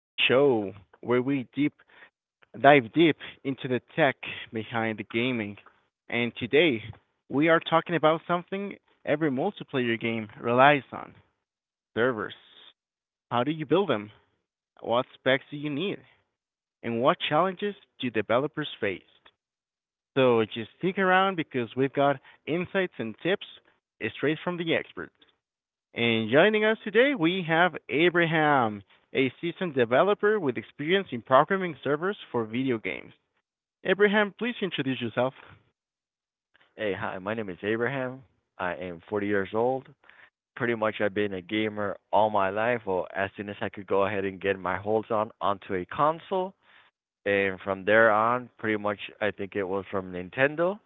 this show where we deep dive deep into the tech behind the gaming. And today we are talking about something every multiplayer game relies on: servers. How do you build them? What specs do you need? And what challenges do developers face? So just stick around because we've got insights and tips straight from the experts. And joining us today, we have Abraham, a seasoned developer with experience in programming servers for video games. Abraham, please introduce yourself. Hey, hi, my name is Abraham. I am 40 years old. Pretty much, I've been a gamer all my life, or as soon as I could go ahead and get my holds on onto a console. And from there on, pretty much, I think it was from Nintendo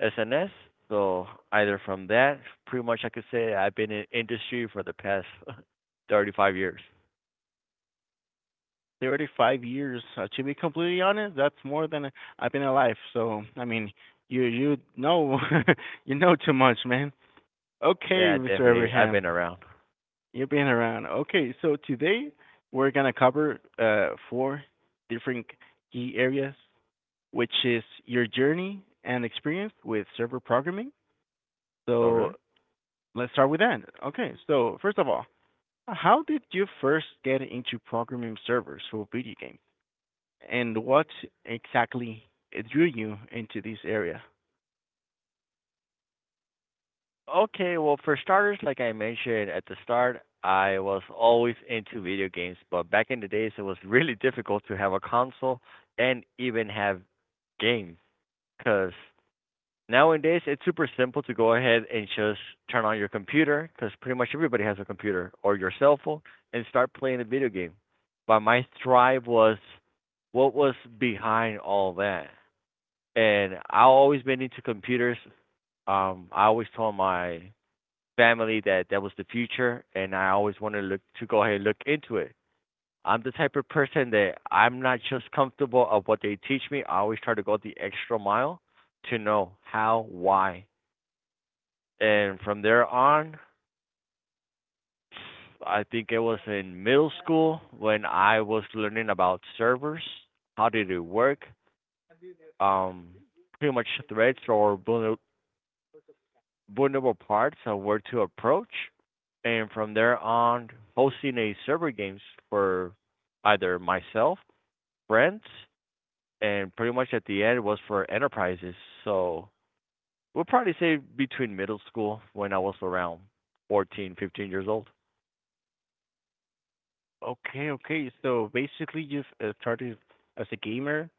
SNES. So, either from that, pretty much, I could say I've been in industry for the past 35 years. 35 years, to be completely honest, that's more than I've been alive. So, I mean, you you know you know too much, man. Okay, Yeah, Mr. definitely. I've Abraham, been around. you've been around. Okay, so today we're gonna cover four different key areas, which is your journey and experience with server programming. Okay. So let's start with that. Okay, so first of all, how did you first get into programming servers for video games? And what exactly drew you into this area? Okay, well, for starters, like I mentioned at the start, I was always into video games, but back in the days, it was really difficult to have a console and even have games. Because nowadays, it's super simple to go ahead and just turn on your computer, because pretty much everybody has a computer or your cell phone, and start playing a video game. But my thrive was what was behind all that. And I always been into computers. I always told my family that that was the future, and I always wanted to look to go ahead and look into it. I'm the type of person that I'm not just comfortable of what they teach me. I always try to go the extra mile to know how, why, and from there on, I think it was in middle school when I was learning about servers, how did it work, um, pretty much threads or vulnerable parts of where to approach, and from there on, hosting a server games for either myself, friends, and pretty much at the end was for enterprises. So we'll probably say between middle school when I was around 14, 15 years old. Okay, okay. So basically, you've started as a gamer,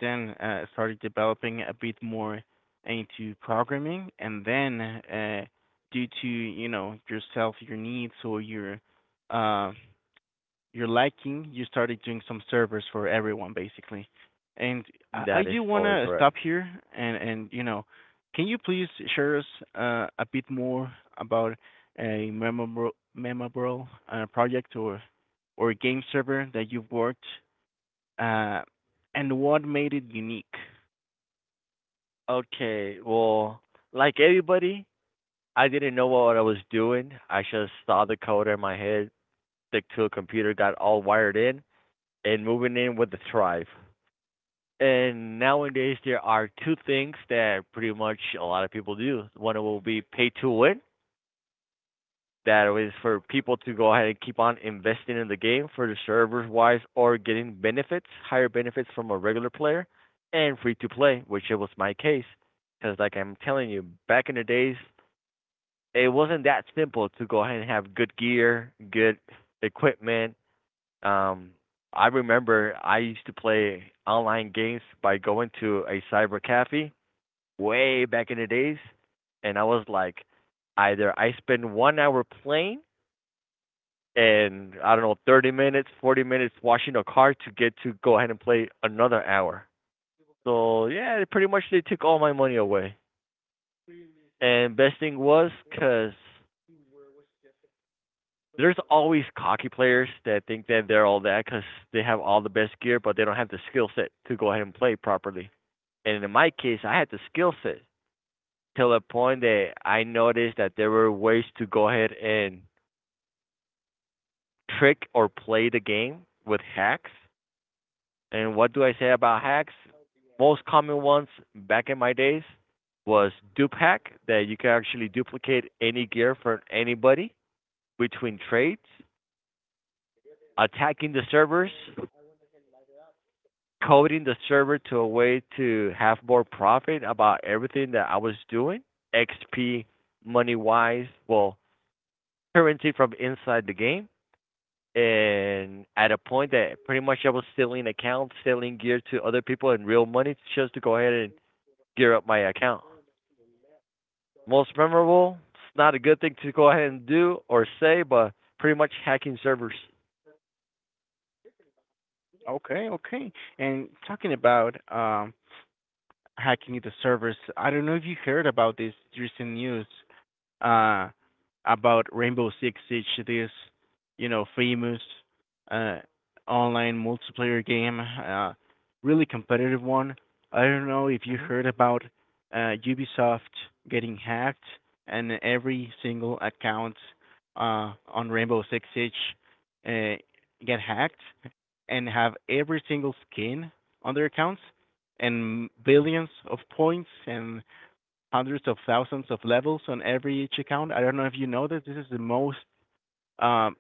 then started developing a bit more into programming, and then due to you know yourself, your needs, or your uh, you're liking, you started doing some servers for everyone basically. And I That is do totally wanna stop correct. here and you know, can you please share us a bit more about a memorable project or game server that you've worked uh, and what made it unique? Okay, well, like everybody, I didn't know what I was doing. I just saw the code in my head, stick to a computer, got all wired in, and moving in with the tribe. And nowadays, there are two things that pretty much a lot of people do. One will be pay to win. That is for people to go ahead and keep on investing in the game for the servers wise or getting benefits, higher benefits from a regular player, and free to play, which it was my case. Because, like I'm telling you, back in the days, it wasn't that simple to go ahead and have good gear, good equipment. Um, I remember I used to play online games by going to a cyber cafe way back in the days, and I was like, either I spend 1 hour playing and I don't know, 30 minutes, 40 minutes washing a car to get to go ahead and play another hour. So yeah, they pretty much they took all my money away. And best thing was 'cause there's always cocky players that think that they're all that 'cause they have all the best gear, but they don't have the skill set to go ahead and play properly. And in my case, I had the skill set till the point that I noticed that there were ways to go ahead and trick or play the game with hacks. And what do I say about hacks? Most common ones back in my days was dupe hack, that you can actually duplicate any gear from anybody between trades, attacking the servers, coding the server to a way to have more profit about everything that I was doing, XP, money wise, well, currency from inside the game and at a point that pretty much I was stealing accounts, selling gear to other people and real money just to go ahead and gear up my account. Most memorable, it's not a good thing to go ahead and do or say, but pretty much hacking servers. Okay, okay. And talking about hacking the servers, I don't know if you heard about this recent news uh about Rainbow Six Siege, this you know famous uh online multiplayer game, really competitive one. I don't know if you Hmm. heard about Ubisoft getting hacked and every single account on Rainbow Six Siege uh get hacked and have every single skin on their accounts and billions of points and hundreds of thousands of levels on every each account. I don't know if you know this. This is the most, um,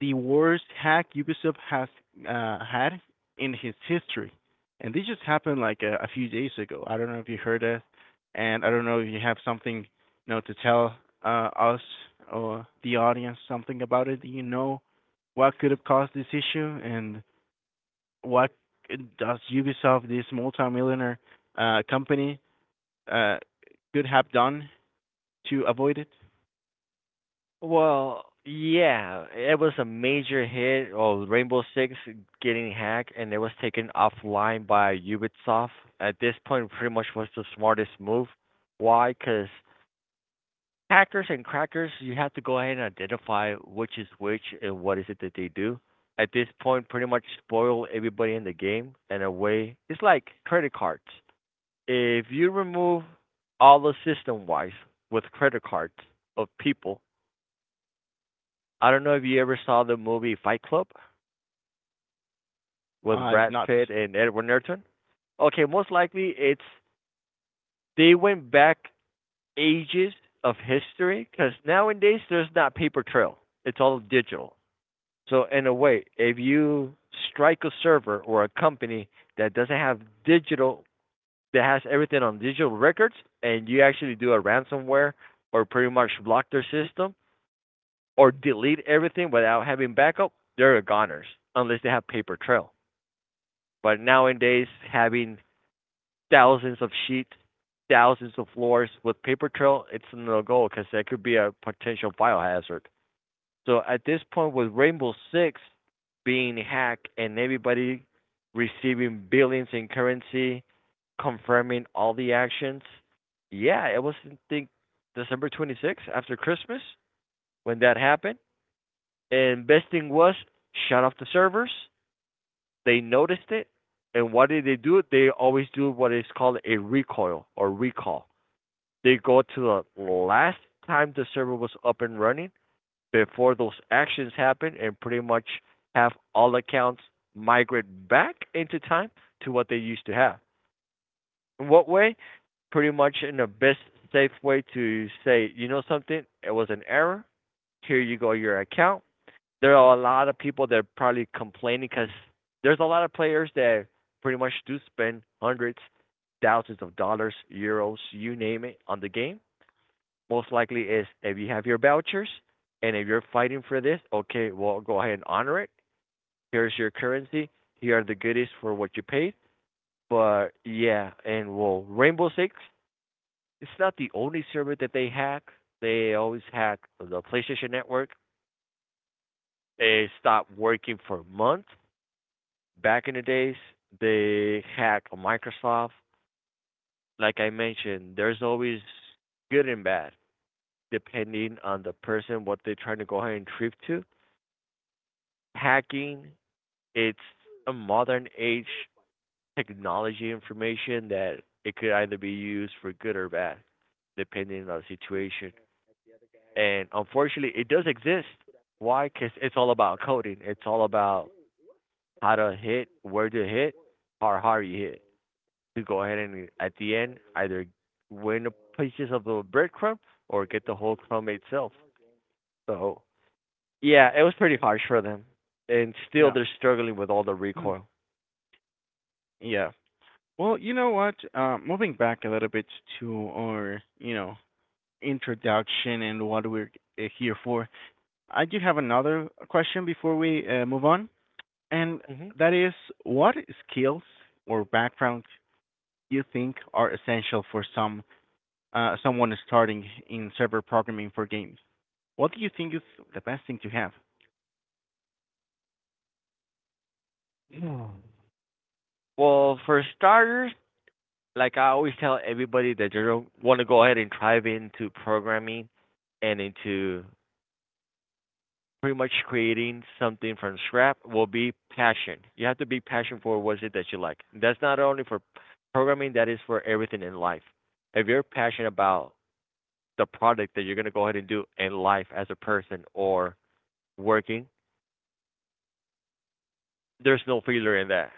the worst hack Ubisoft has had in his history, and this just happened like a few days ago. I don't know if you heard it, and I don't know if you have something, you know, to tell us or the audience something about it. Do you know what could have caused this issue, and what does Ubisoft, this multimillionaire company, uh, could have done to avoid it. Well, yeah, it was a major hit of Rainbow Six getting hacked, and it was taken offline by Ubisoft. At this point, pretty much was the smartest move. Why? Because hackers and crackers, you have to go ahead and identify which is which and what is it that they do. At this point, pretty much spoil everybody in the game in a way. It's like credit cards. If you remove all the system wise with credit cards of people, I don't know if you ever saw the movie Fight Club with I've Brad not. Pitt and Edward Norton. Okay, most likely it's they went back ages of history because nowadays there's not paper trail. It's all digital. So in a way, if you strike a server or a company that doesn't have digital that has everything on digital records and you actually do a ransomware or pretty much block their system or delete everything without having backup, they're goners unless they have paper trail. But nowadays having thousands of sheets, thousands of floors with paper trail, it's no go because that could be a potential biohazard. So at this point, with Rainbow Six being hacked and everybody receiving billions in currency, confirming all the actions, yeah, it was I think December 26th after Christmas when that happened. And best thing was shut off the servers. They noticed it, and what did they do? They always do what is called a recoil or recall. They go to the last time the server was up and running before those actions happen and pretty much have all accounts migrate back into time to what they used to have. In what way? Pretty much in the best safe way to say, you know something, it was an error. Here you go, your account. There are a lot of people that are probably complaining because there's a lot of players that pretty much do spend hundreds, thousands of dollars, euros, you name it, on the game most likely is if you have your vouchers and if you're fighting for this, okay, well, go ahead and honor it. Here's your currency. Here are the goodies for what you paid. But yeah, and well, Rainbow Six, it's not the only server that they hack. They always hack the PlayStation Network. They stopped working for months. Back in the days, they hacked Microsoft. Like I mentioned, there's always good and bad depending on the person what they're trying to go ahead and trip to hacking, it's a modern age technology information that it could either be used for good or bad, depending on the situation. And unfortunately, it does exist. Why? Because it's all about coding. It's all about how to hit, where to hit, how hard you hit. To go ahead and at the end either win a pieces of the breadcrumb or get the whole crumb itself. So yeah, it was pretty harsh for them, and still Yeah. they're struggling with all the Hmm. recoil. Yeah. Well, you know what? Moving back a little bit to our, you know, introduction and what we're here for, I do have another question before we move on, and Hmm. that is, what skills or background you think are essential for some someone starting in server programming for games? What do you think is the best thing to have? Well, for starters, like I always tell everybody that you want to go ahead and dive into programming and into pretty much creating something from scrap will be passion. You have to be passionate for what it is that you like. That's not only for programming, that is for everything in life. If you're passionate about the product that you're going to go ahead and do in life as a person or working, there's no failure in that.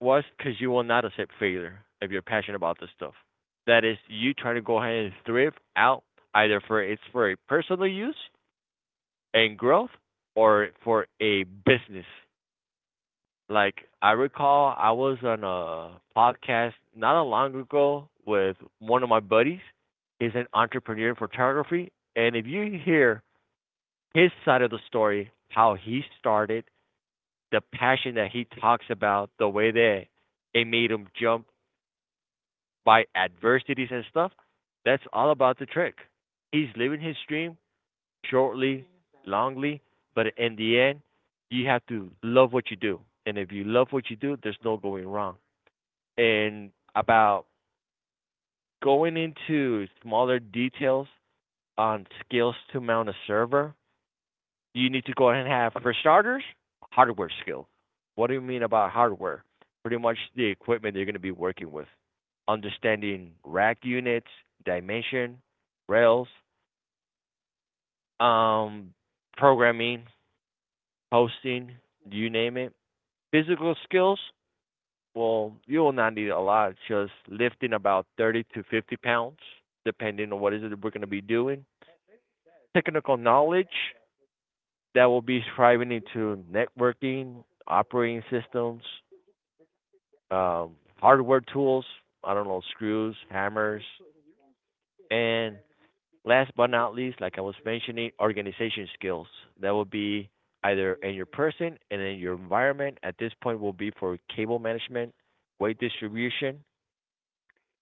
Why? Because you will not accept failure if you're passionate about this stuff. That is, you try to go ahead and thrift out either for it's for a personal use and growth, or for a business. Like I recall, I was on a podcast not a long ago with one of my buddies. He's an entrepreneur in photography, and if you hear his side of the story, how he started the passion that he talks about, the way that it made him jump by adversities and stuff, that's all about the trick. He's living his dream shortly, longly, but in the end, you have to love what you do. And if you love what you do, there's no going wrong. And about going into smaller details on skills to mount a server, you need to go ahead and have, for starters, hardware skill. What do you mean about hardware? Pretty much the equipment you're going to be working with, understanding rack units, dimension, rails, um, programming, hosting, you name it. Physical skills, well, you will not need a lot, just lifting about 30 to 50 pounds, depending on what is it is that we're going to be doing. Technical knowledge, that will be striving into networking, operating systems, hardware tools. I don't know, screws, hammers, and last but not least, like I was mentioning, organization skills. That will be either in your person and in your environment. At this point, will be for cable management, weight distribution,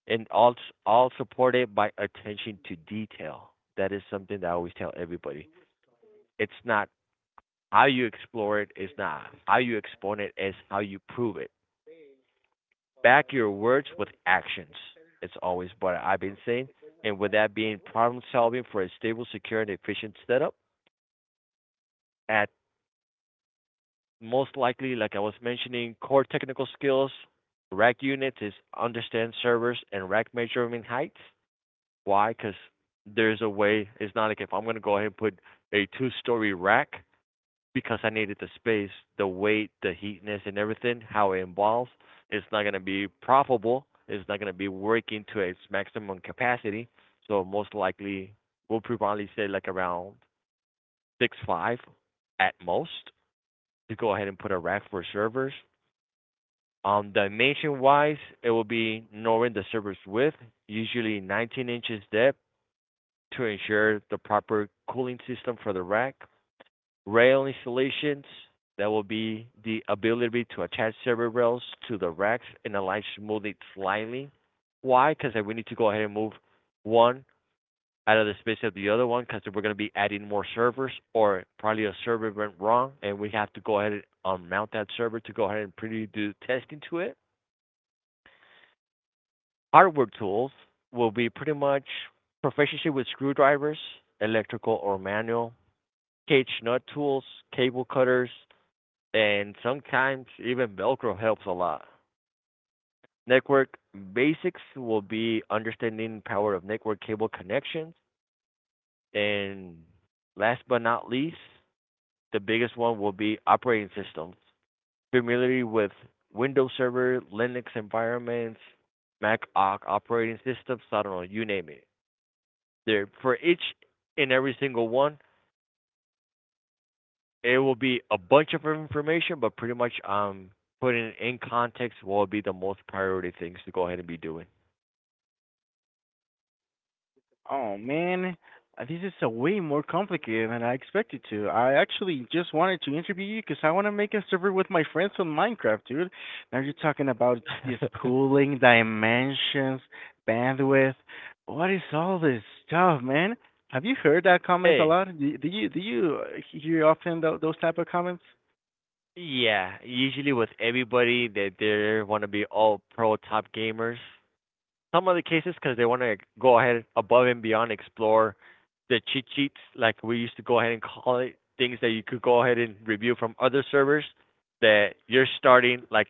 and all supported by attention to detail. That is something that I always tell everybody. It's not how you explore it, it's not how you explain it, it's how you prove it. Back your words with actions. It's always what I've been saying. And with that being problem solving for a stable, secure, and efficient setup, at most likely, like I was mentioning, core technical skills, rack units is understand servers and rack measurement heights. Why? Because there's a way. It's not like if I'm going to go ahead and put a two-story rack because I needed the space, the weight, the heatness, and everything, how it involves, it's not going to be profitable. It's not going to be working to its maximum capacity. So most likely, we'll probably say like around 6'5" at most to go ahead and put a rack for servers. Dimension wise, it will be knowing the server's width, usually 19 inches depth, to ensure the proper cooling system for the rack. Rail installations, that will be the ability to attach server rails to the racks and align smooth it slightly. Why? Because we need to go ahead and move one out of the space of the other one because we're going to be adding more servers or probably a server went wrong and we have to go ahead and unmount that server to go ahead and pretty do testing to it. Hardware tools will be pretty much proficiency with screwdrivers, electrical or manual, cage nut tools, cable cutters, and sometimes even Velcro helps a lot. Network basics will be understanding power of network cable connections, and last but not least, the biggest one will be operating systems. Familiarity with Windows Server, Linux environments, Mac OS operating systems. I don't know, you name it. There for each and every single one, it will be a bunch of information, but pretty much putting it in context will be the most priority things to go ahead and be doing. Oh man, this is a way more complicated than I expected to. I actually just wanted to interview you because I want to make a server with my friends on Minecraft, dude. Now you're talking about these cooling dimensions, bandwidth. What is all this stuff, man? Have you heard that comment a Hey, lot? Do you hear often those type of comments? yeah. Usually with everybody that they want to be all pro top gamers. Some of the cases because they want to go ahead above and beyond, explore the cheat sheets, like we used to go ahead and call it, things that you could go ahead and review from other servers that you're starting like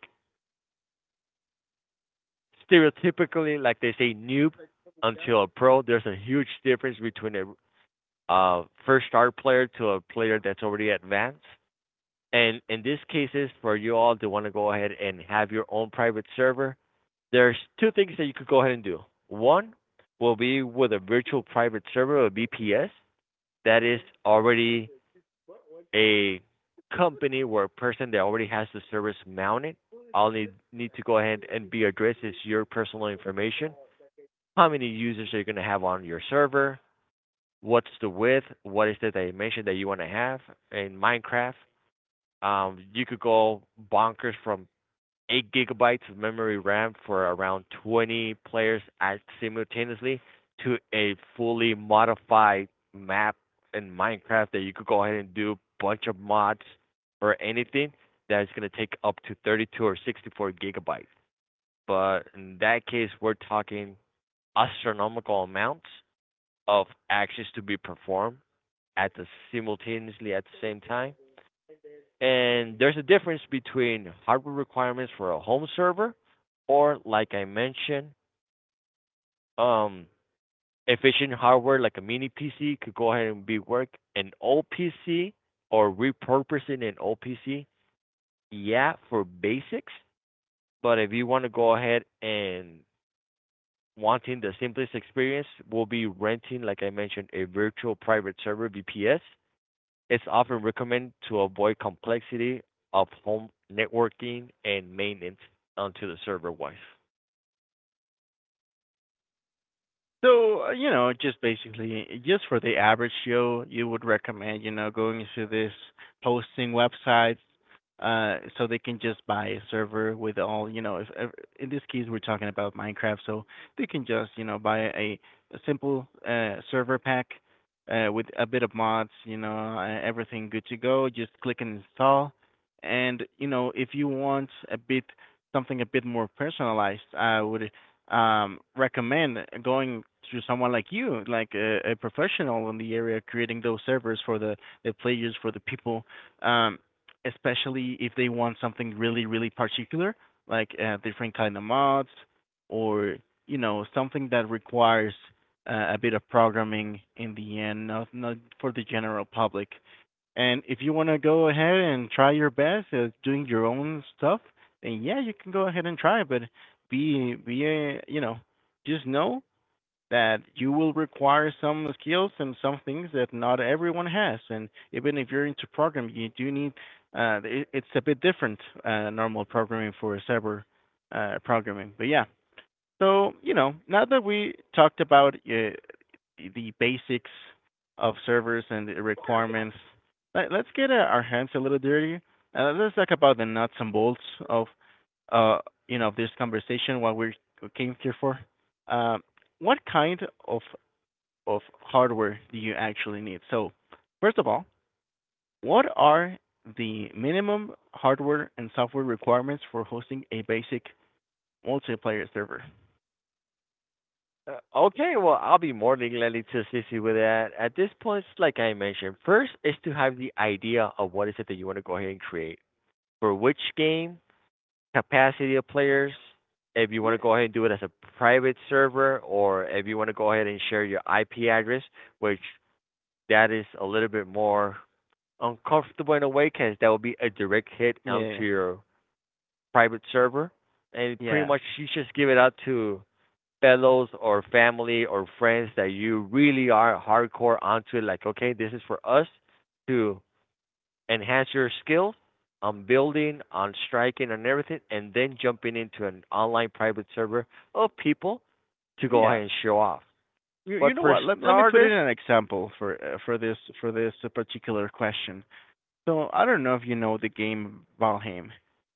stereotypically, like they say, noob until a pro. There's a huge difference between a first start player to a player that's already advanced. And in these cases, for you all to want to go ahead and have your own private server, there's two things that you could go ahead and do. One will be with a virtual private server, a VPS, that is already a company or a person that already has the service mounted. All they need to go ahead and be addressed is your personal information, how many users are you going to have on your server, what's the width, what is the dimension that you want to have in Minecraft. You could go bonkers from 8 gigabytes of memory RAM for around 20 players at simultaneously to a fully modified map in Minecraft that you could go ahead and do a bunch of mods or anything that's going to take up to 32 or 64 gigabytes. But in that case, we're talking astronomical amounts of actions to be performed at the simultaneously at the same time. And there's a difference between hardware requirements for a home server or like I mentioned, um efficient hardware like a mini PC could go ahead and be work an old PC or repurposing an old PC. Yeah, for basics, but if you want to go ahead and wanting the simplest experience, we'll be renting, like I mentioned, a virtual private server VPS. It's often recommended to avoid complexity of home networking and maintenance onto the server wise. So, you know, just basically, just for the average Joe, you would recommend, you know, going into this hosting websites, so they can just buy a server with all, you know, if in this case we're talking about Minecraft, so they can just, you know, buy a simple server pack with a bit of mods, you know, everything good to go. Just click and install, and you know, if you want a bit something a bit more personalized, I would recommend going to someone like you, like a professional in the area, creating those servers for the players, for the people, um, especially if they want something really, really particular, like different kind of mods or you know something that requires a bit of programming in the end, not for the general public. And if you want to go ahead and try your best at doing your own stuff, then yeah, you can go ahead and try. But you know, just know that you will require some skills and some things that not everyone has, and even if you're into programming you do need it's a bit different normal programming for cyber programming, but yeah, so, you know, now that we talked about the basics of servers and the requirements, let's get our hands a little dirty. Let's talk about the nuts and bolts of, uh, you know, this conversation. What we came here for. Uh, what kind of of hardware do you actually need? So, first of all, what are the minimum hardware and software requirements for hosting a basic multiplayer server? Okay, well, I'll be more than gladly to assist you with that. At this point, it's like I mentioned, first is to have the idea of what is it that you want to go ahead and create for which game, capacity of players, if you want to Yeah. go ahead and do it as a private server, or if you want to go ahead and share your IP address, which that is a little bit more uncomfortable in a way because that would be a direct hit onto Yeah. your private server. And pretty Yeah. much you just give it out to fellows or family or friends that you really are hardcore onto it. Like, okay, this is for us to enhance your skills on building, on striking, and everything, and then jumping into an online private server of people to go ahead Yeah. and show off. You But know for what? Let me put in starters, an example for this particular question. So I don't know if you know the game Valheim.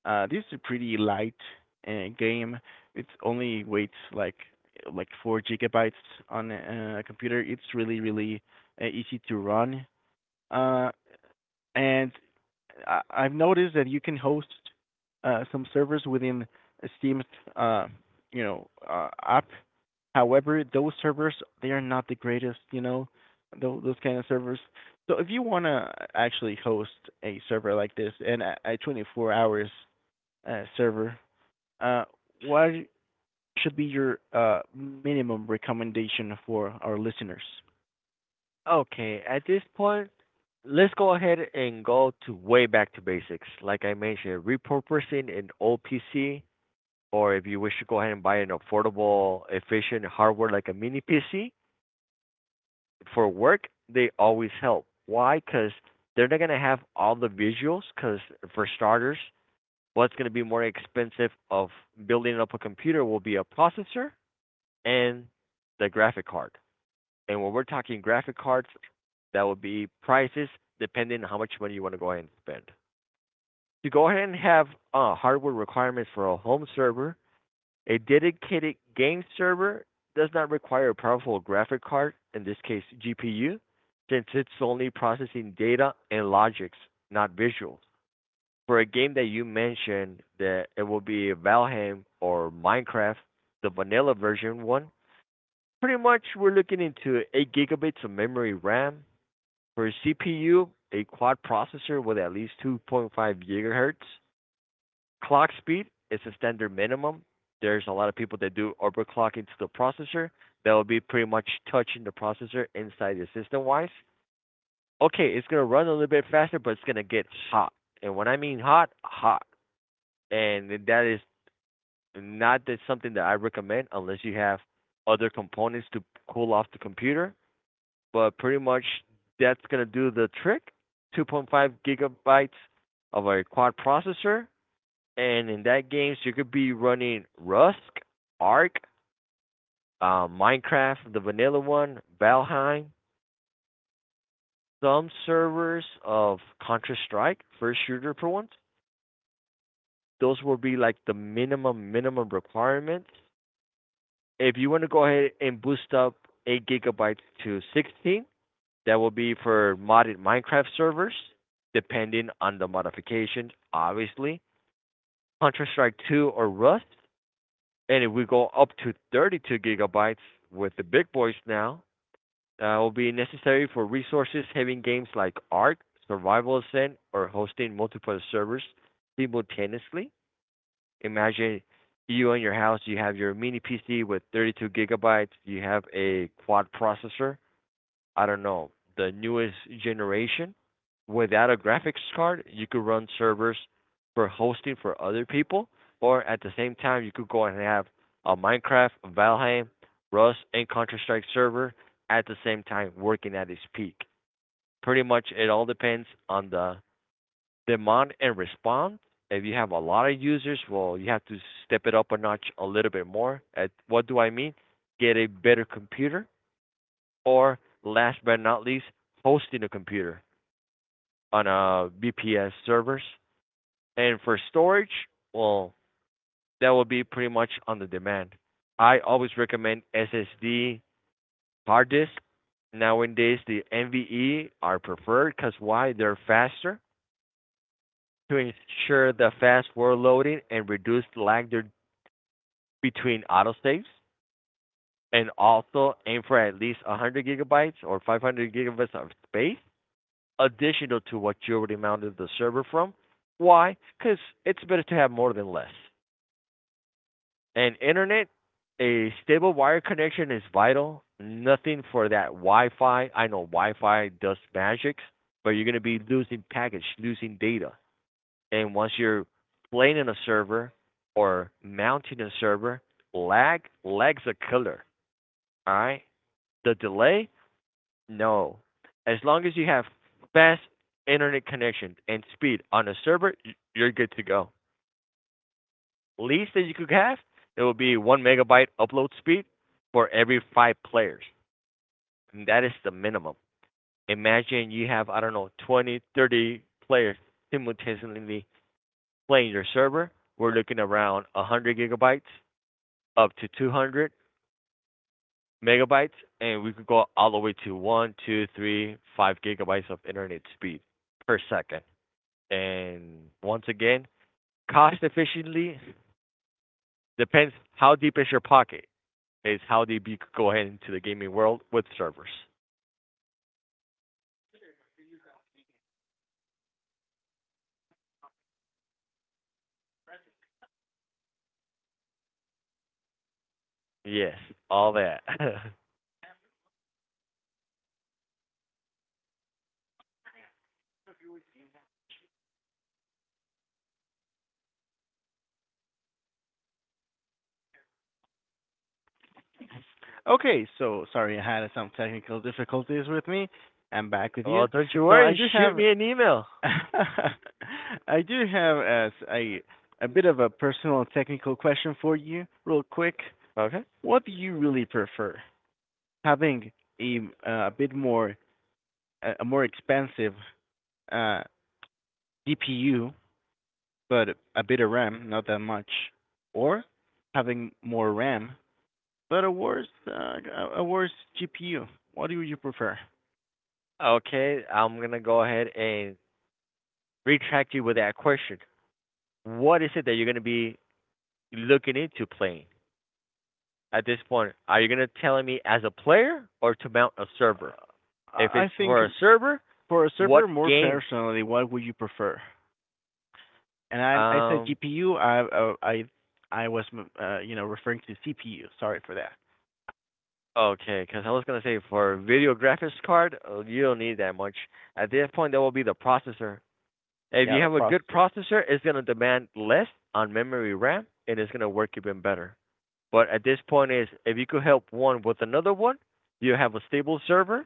This is a pretty light game. It's only weighs like like 4 gigabytes on a computer. It's really really easy to run. Uh, and I've noticed that you can host some servers within Steam's uh, you know app. However, those servers, they are not the greatest, you know, those kind of servers. So if you want to actually host a server like this and a 24 hours server, uh, what should be your minimum recommendation for our listeners? okay, at this point, let's go ahead and go to way back to basics. Like I mentioned, repurposing an old PC, or if you wish to go ahead and buy an affordable, efficient hardware like a mini PC for work, they always help. Why? Because they're not gonna have all the visuals. Because for starters, what's gonna be more expensive of building up a computer will be a processor and the graphic card. And when we're talking graphic cards, that would be prices depending on how much money you want to go ahead and spend. To go ahead and have hardware requirements for a home server, a dedicated game server does not require a powerful graphic card, in this case GPU, since it's only processing data and logics, not visuals. For a game that you mentioned that it will be Valheim or Minecraft, the vanilla version one, pretty much we're looking into 8 gigabytes of memory RAM, for CPU, a quad processor with at least 2.5 gigahertz clock speed is a standard minimum. There's a lot of people that do overclocking to the processor. That will be pretty much touching the processor inside the system wise. Okay, it's gonna run a little bit faster, but it's gonna get hot. And when I mean hot, hot. And that is not that something that I recommend unless you have other components to cool off the computer, but pretty much that's gonna do the trick. 2.5 gigabytes of a quad processor, and in that game, so you could be running Rust, Ark, Minecraft, the vanilla one, Valheim, some servers of Counter Strike, first shooter for once. Those will be like the minimum minimum requirements. If you want to go ahead and boost up 8 gigabytes to 16, that will be for modded Minecraft servers, depending on the modification, obviously. Counter Strike 2 or Rust, and if we go up to 32 gigabytes with the big boys now, will be necessary for resources having games like Ark, Survival Ascent, or hosting multiple servers simultaneously. Imagine you in your house, you have your mini PC with 32 gigabytes, you have a quad processor, I don't know, the newest generation without a graphics card, you could run servers for hosting for other people, or at the same time, you could go and have a Minecraft, Valheim, Rust, and Counter Strike server at the same time working at its peak. Pretty much, it all depends on the demand and response. If you have a lot of users, well, you have to step it up a notch a little bit more. At what do I mean? Get a better computer or last but not least, hosting a computer on a VPS servers. And for storage, well, that will be pretty much on the demand. I always recommend SSD hard disk. Nowadays, the NVMe are preferred because why? They're faster to ensure the fast word loading and reduce lag between autosaves. And also aim for at least 100 gigabytes or 500 gigabytes of space additional to what you already mounted the server from. Why? Because it's better to have more than less. And internet, a stable wire connection is vital. Nothing for that Wi-Fi. I know Wi-Fi does magic, but you're going to be losing package, losing data. And once you're playing in a server or mounting a server, lag, lag's a killer. All right, the delay. No. As long as you have fast internet connection and speed on a server, you're good to go. Least that you could have, it will be 1 megabyte upload speed for every 5 players. And that is the minimum. Imagine you have, I don't know, 20, 30 players simultaneously playing your server. We're looking around 100 gigabytes up to 200 megabytes, and we could go all the way to one, two, three, 5 gigabytes of internet speed per second. And once again, cost efficiently depends how deep is your pocket is how deep you could go ahead into the gaming world with servers. Yes, all that. Okay, so sorry, I had some technical difficulties with me. I'm back with you. Well, don't you So I worry. do Shoot have, me an email. I do have as a bit of a personal technical question for you, real quick. Okay. What do you really prefer, having a a bit more a more expensive uh DPU, but a bit of RAM, not that much, or having more RAM but a worse GPU? What do you prefer? Okay, I'm gonna go ahead and retract you with that question. What is it that you're gonna be looking into playing at this point? Are you gonna tell me as a player or to mount a server? uh, If it's I think for a server, for a what server, more game? personally, what would you prefer? And I said Um, GPU. I was, you know, referring to CPU. Sorry for that. Okay, because I was gonna say for video graphics card, you don't need that much. At that point, that will be the processor. If Yeah, you the have a good processor. processor, it's gonna demand less on memory RAM, and it's gonna work even better. But at this point, is if you could help one with another one, you have a stable server,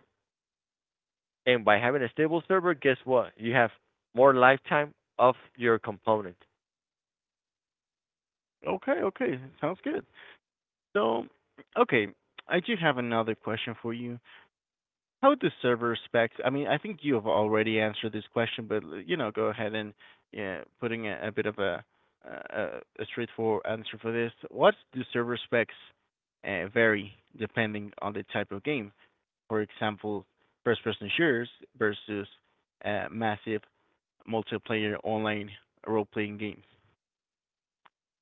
and by having a stable server, guess what? You have more lifetime of your component. Okay, okay, sounds good. So, okay, I do have another question for you. How would the server specs? I mean, I think you have already answered this question, but you know, go ahead and yeah, putting a bit of a straightforward answer for this. What do server specs vary depending on the type of game? For example, first-person shooters versus massive multiplayer online role-playing games.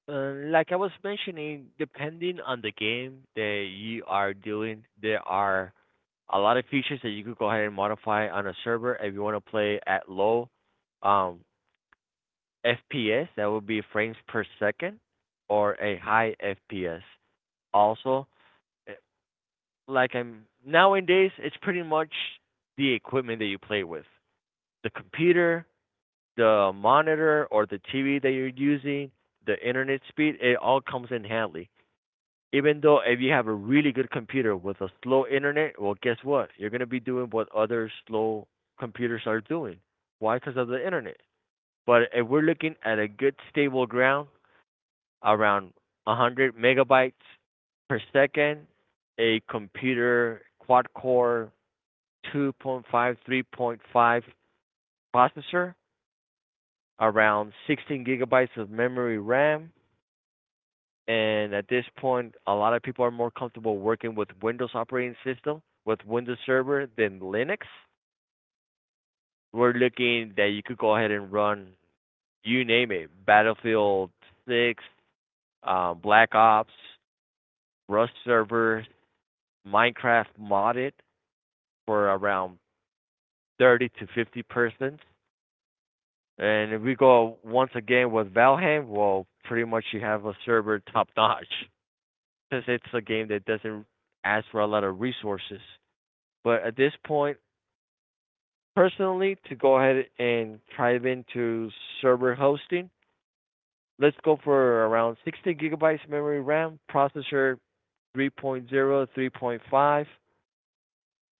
Like I was mentioning, depending on the game that you are doing, there are a lot of features that you could go ahead and modify on a server if you want to play at low um, FPS, that would be frames per second, or a high FPS. Also, eh, like I'm nowadays, it's pretty much the equipment that you play with, the computer, the monitor, or the TV that you're using, the internet speed. It all comes in handy even though if you have a really good computer with a slow internet, well, guess what? You're going to be doing what other slow computers are doing. Why? Because of the internet. But if we're looking at a good stable ground around 100 megabytes per second, a computer quad core 2.5, 3.5 processor, around 16 gigabytes of memory RAM. And at this point, a lot of people are more comfortable working with Windows operating system, with Windows Server than Linux. We're looking that you could go ahead and run, you name it, Battlefield 6, Black Ops, Rust Server, Minecraft modded for around 30 to 50 persons. And if we go once again with Valheim, well, pretty much you have a server top notch because it's a game that doesn't ask for a lot of resources. But at this point, personally, to go ahead and dive into server hosting, let's go for around 60 gigabytes memory RAM, processor 3.0, 3.5,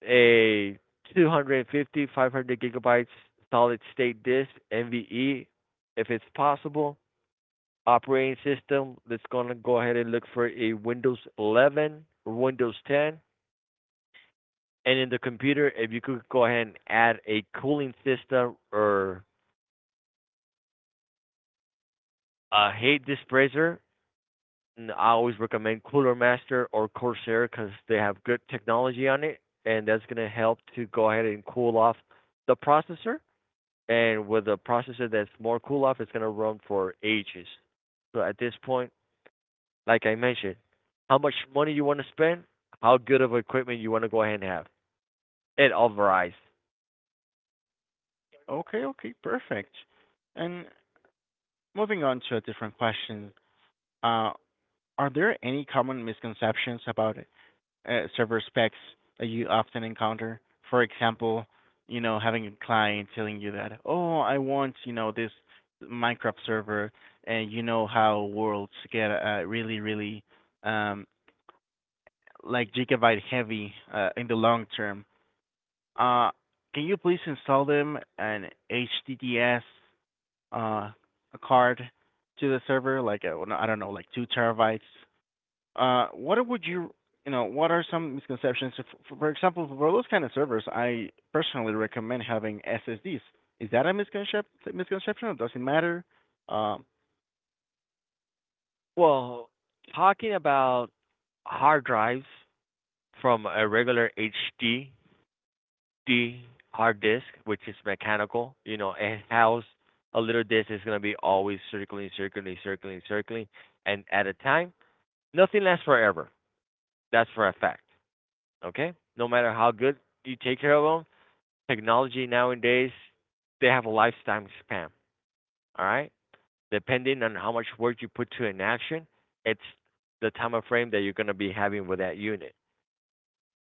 a 250, 500 gigabytes solid state disk, NVE, if it's possible. Operating system, let's gonna go ahead and look for a Windows 11 or Windows 10. And in the computer, if you could go ahead and add a cooling system or I hate this brazier. And I always recommend Cooler Master or Corsair because they have good technology on it, and that's gonna help to go ahead and cool off the processor. And with a processor that's more cool off, it's gonna run for ages. So at this point, like I mentioned, how much money you want to spend, how good of equipment you want to go ahead and have. It all varies. Okay, okay, perfect. And moving on to a different question, uh, are there any common misconceptions about server specs that you often encounter? For example, you know, having a client telling you that, oh, I want, you know, this Minecraft server, and you know how worlds get really, really um, like gigabyte heavy in the long term. Uh, can you please install them an HTTPS uh, card to the server, like I don't know, like two terabytes what would you you know what are some misconceptions? For example, for those kind of servers, I personally recommend having SSDs. Is that a misconception? Misconception or does it matter? Um, Well, talking about hard drives from a regular HD D hard disk, which is mechanical, you know, and house a little disk is gonna be always circling, circling, circling, circling, and at a time. Nothing lasts forever. That's for a fact. Okay? No matter how good you take care of them, technology nowadays they have a lifetime span. All right? Depending on how much work you put to an action, it's the time of frame that you're gonna be having with that unit.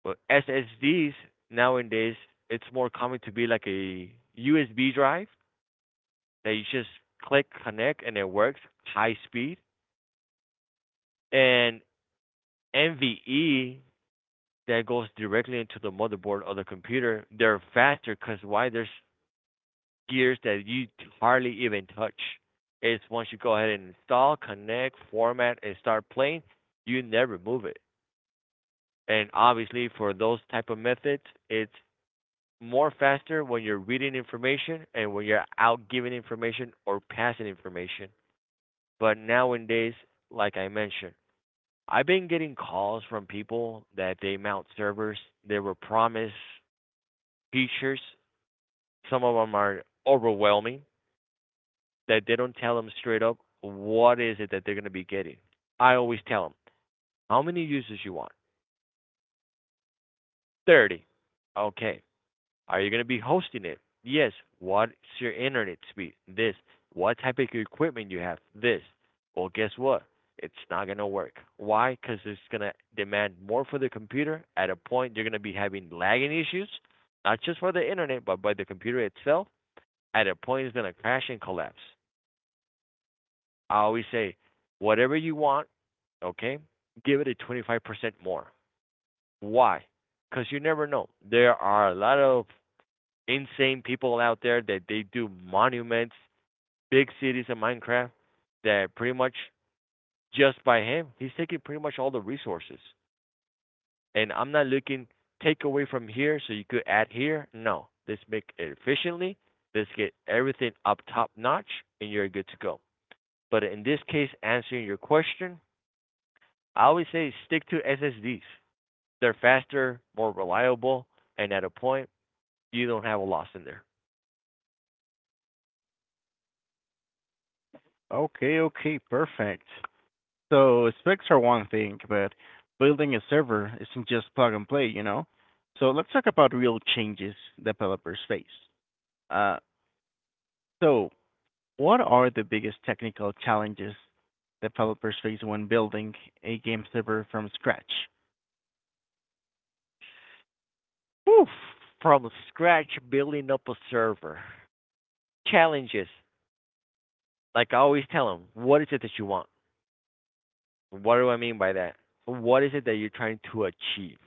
But SSDs nowadays it's more common to be like a USB drive that you just click connect and it works high speed. And NVE that goes directly into the motherboard of the computer, they're faster because why? There's gears that you hardly even touch. It's once you go ahead and install, connect, format, and start playing, you never move it. And obviously, for those type of methods, it's more faster when you're reading information and when you're out giving information or passing information. But nowadays, like I mentioned, I've been getting calls from people that they mount servers. They were promised features. Some of them are overwhelming that they don't tell them straight up what is it that they're going to be getting. I always tell them, how many users you want? 30. Okay. Are you going to be hosting it? Yes. What's your internet speed? This. What type of equipment you have? This. Well, guess what? It's not going to work. Why? Because it's going to demand more for the computer. At a point, you're going to be having lagging issues, not just for the internet, but by the computer itself. At a point, it's going to crash and collapse. I always say, whatever you want, okay, give it a 25% more. Why? Because you never know. There are a lot of insane people out there that they do monuments, big cities in Minecraft that pretty much just by him, he's taking pretty much all the resources. And I'm not looking take away from here so you could add here. No. Let's make it efficiently. Let's get everything up top notch and you're good to go. But in this case, answering your question, I always say stick to SSDs. They're faster, more reliable, and at a point you don't have a loss in there. okay, okay, perfect. So specs are one thing, but building a server isn't just plug and play, you know. So let's talk about real changes developers face. Uh, so what are the biggest technical challenges developers face when building a game server from scratch? Whew, from scratch, building up a server. Challenges. Like I always tell them, what is it that you want? What do I mean by that? What is it that you're trying to achieve?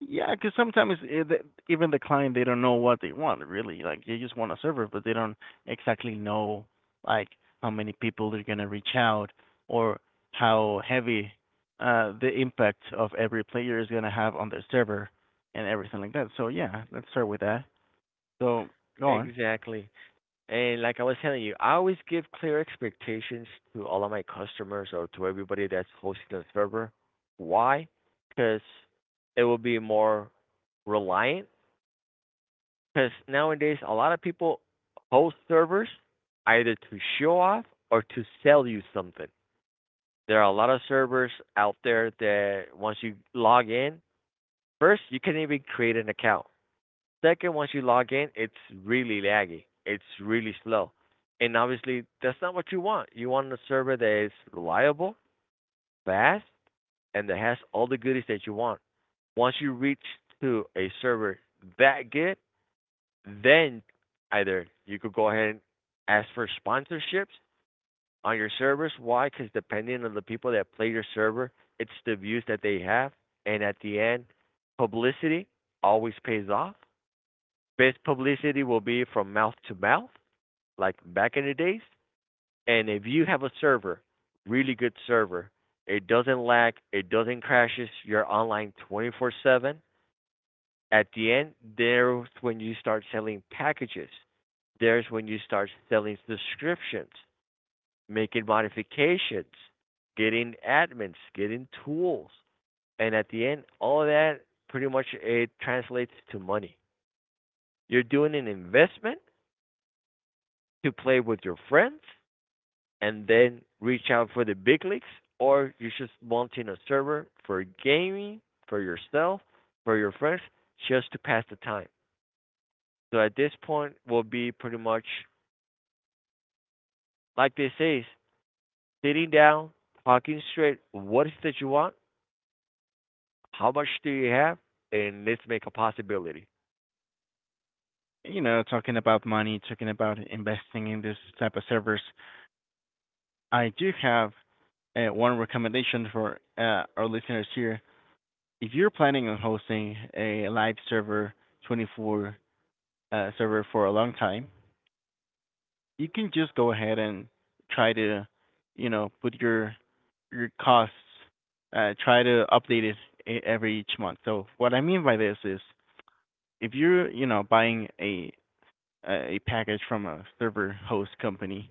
Yeah, because sometimes even the client they don't know what they want really. Like they just want a server, but they don't exactly know like how many people they're gonna reach out or how heavy the impact of every player is gonna have on their server and everything like that. So yeah, let's start with that. So go on. Exactly. And like I was telling you, I always give clear expectations to all of my customers or to everybody that's hosting the server. Why? Because it will be more reliant. Because nowadays, a lot of people host servers either to show off or to sell you something. There are a lot of servers out there that once you log in, first you can't even create an account. Second, once you log in, it's really laggy. It's really slow. And obviously that's not what you want. You want a server that is reliable, fast, and that has all the goodies that you want. Once you reach to a server that good, then either you could go ahead and ask for sponsorships on your servers. Why? Because depending on the people that play your server, it's the views that they have. And at the end, publicity always pays off. Best publicity will be from mouth to mouth, like back in the days. And if you have a server, really good server, it doesn't lag, it doesn't crashes, you're online 24/7. At the end, there's when you start selling packages, there's when you start selling subscriptions, making modifications, getting admins, getting tools. And at the end, all of that pretty much it translates to money. You're doing an investment to play with your friends and then reach out for the big leagues, or you're just launching a server for gaming, for yourself, for your friends, just to pass the time. So at this point, will be pretty much like they say, sitting down, talking straight. What is it that you want? How much do you have? And let's make a possibility. You know, talking about money, talking about investing in this type of servers. I do have one recommendation for our listeners here, if you're planning on hosting a live server 24 server for a long time, you can just go ahead and try to, you know, put your costs, try to update it every each month. So what I mean by this is, if you're, you know, buying a package from a server host company,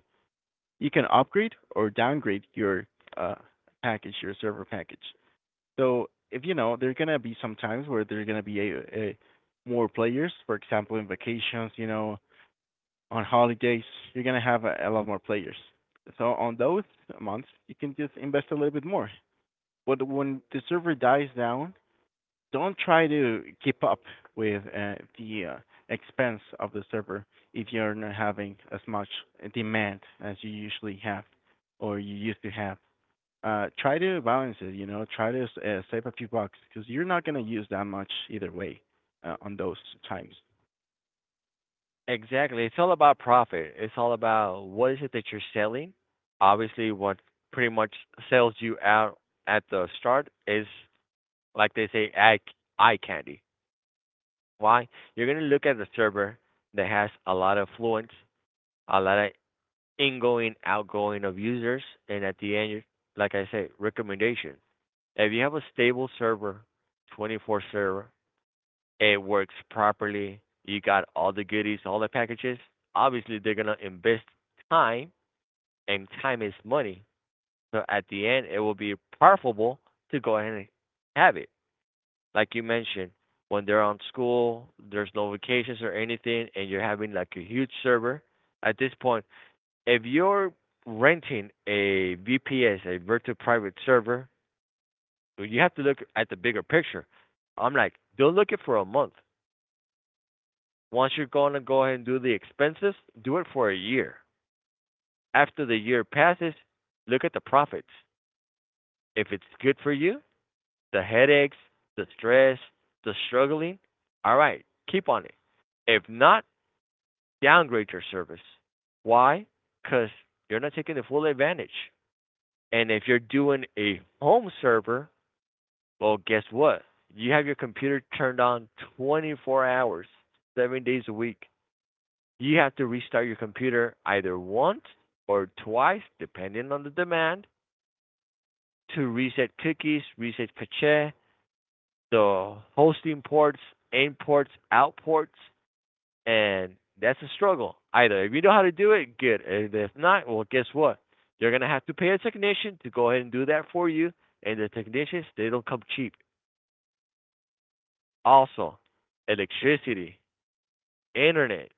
you can upgrade or downgrade your uh, package, your server package. So if you know, there gonna be some times where there gonna be a more players. For example, in vacations, you know, on holidays, you're gonna have a lot more players. So on those months, you can just invest a little bit more. But when the server dies down, don't try to keep up with the expense of the server if you're not having as much demand as you usually have or you used to have, try to balance it, you know, try to save a few bucks because you're not going to use that much either way on those times. Exactly. It's all about profit. It's all about what is it that you're selling. Obviously, what pretty much sells you out at the start is, like they say, eye candy. Why? You're going to look at the server that has a lot of fluence, a lot of ingoing, outgoing of users, and at the end, you- like I say, recommendations. If you have a stable server, 24 server, it works properly. You got all the goodies, all the packages. Obviously, they're gonna invest time, and time is money. So at the end, it will be profitable to go ahead and have it. Like you mentioned, when they're on school, there's no vacations or anything, and you're having like a huge server. At this point, if you're renting a VPS, a virtual private server, you have to look at the bigger picture. I'm like, don't look it for a month. Once you're going to go ahead and do the expenses, do it for a year. After the year passes, look at the profits. If it's good for you, the headaches, the stress, the struggling, all right, keep on it. If not, downgrade your service. Why? Because you're not taking the full advantage. And if you're doing a home server, well, guess what? You have your computer turned on 24 hours, 7 days a week. You have to restart your computer either once or twice, depending on the demand, to reset cookies, reset cache, the hosting ports, in ports, out ports, and that's a struggle. Either if you know how to do it, good. And if not, well, guess what? You're gonna have to pay a technician to go ahead and do that for you. And the technicians, they don't come cheap. Also, electricity, internet.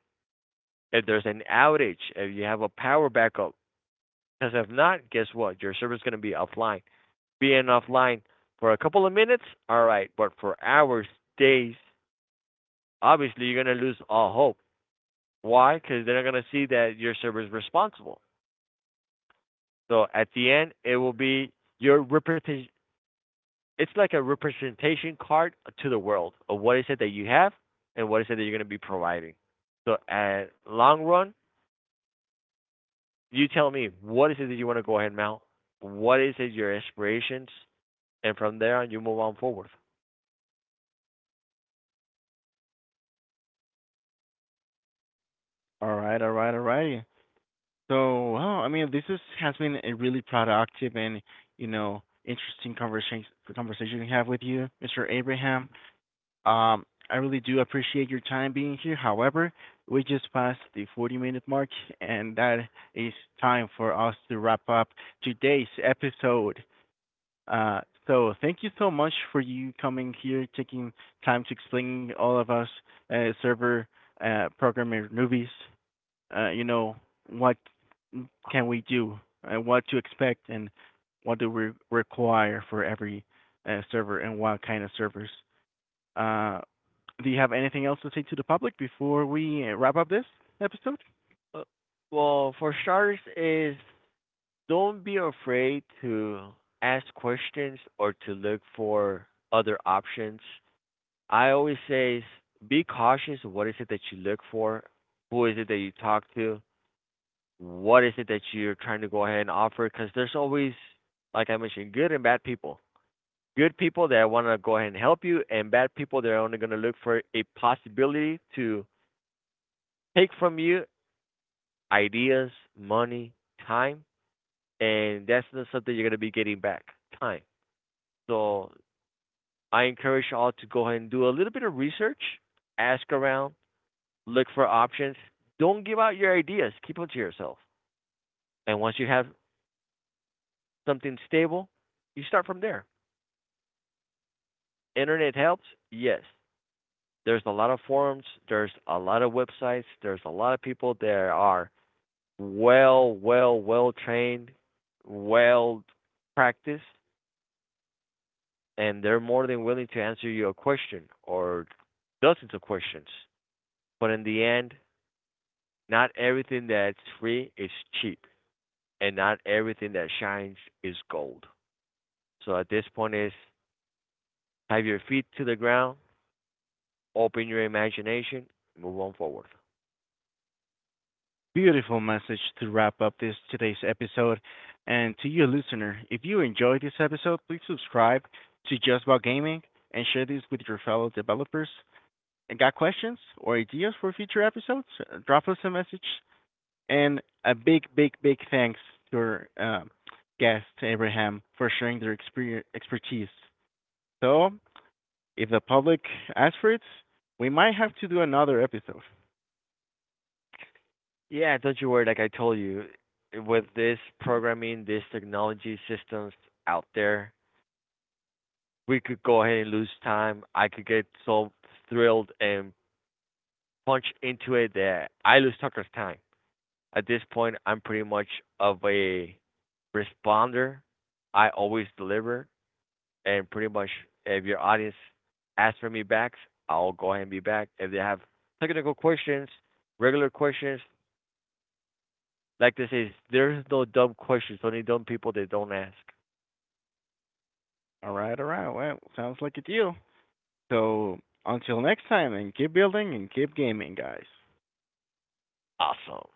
If there's an outage, if you have a power backup, because if not, guess what? Your server's going to be offline. Being offline for a couple of minutes, all right, but for hours, days, obviously you're going to lose all hope. Why? Because they're not going to see that your server is responsible. So at the end, it will be your representation. It's like a representation card to the world of what is it that you have and what is it that you're going to be providing. So at long run, you tell me what is it that you want to go ahead and mount, what is it your aspirations, and from there on you move on forward. All right, all right, so well, I mean this is has been a really productive and you know interesting conversation to have with you, Mr. Abraham. um I really do appreciate your time being here, however, we just passed the 40-minute mark, and that is time for us to wrap up today's episode. Uh, so thank you so much for you coming here, taking time to explain all of us server programmer newbies. You know what can we do, what to expect, and what do we require for every server, and what kind of servers. Uh, do you have anything else to say to the public before we wrap up this episode? Uh, well, for starters, is don't be afraid to ask questions or to look for other options. I always say is be cautious. Of what is it that you look for? Who is it that you talk to? What is it that you're trying to go ahead and offer? Because there's always, like I mentioned, good and bad people. Good people that want to go ahead and help you, and bad people that are only going to look for a possibility to take from you ideas, money, time, and that's not something you're gonna be getting back. Time. So I encourage you all to go ahead and do a little bit of research, ask around, look for options. Don't give out your ideas. Keep them to yourself. And once you have something stable, you start from there. Internet helps, yes. There's a lot of forums, there's a lot of websites, there's a lot of people that are well, well, well trained, well practiced and they're more than willing to answer you a question or dozens of questions. But in the end, not everything that's free is cheap, and not everything that shines is gold. So at this point is have your feet to the ground, open your imagination, move on forward. Beautiful message to wrap up this today's episode. And to you, listener, if you enjoyed this episode, please subscribe to Just About Gaming and share this with your fellow developers. And got questions or ideas for future episodes? Drop us a message. And a big, big, big thanks to our guest Abraham for sharing their expertise. So, if the public asks for it, we might have to do another episode. Yeah, don't you worry. Like I told you, with this programming, this technology systems out there, we could go ahead and lose time. I could get so thrilled and punch into it that I lose Tucker's time. At this point, I'm pretty much of a responder. I always deliver, and pretty much if your audience asks for me back, I'll go ahead and be back. If they have technical questions, regular questions, like this is there's no dumb questions, only dumb people that don't ask. All right, all right. Well, sounds like a deal. So until next time, and keep building and keep gaming, guys. Awesome.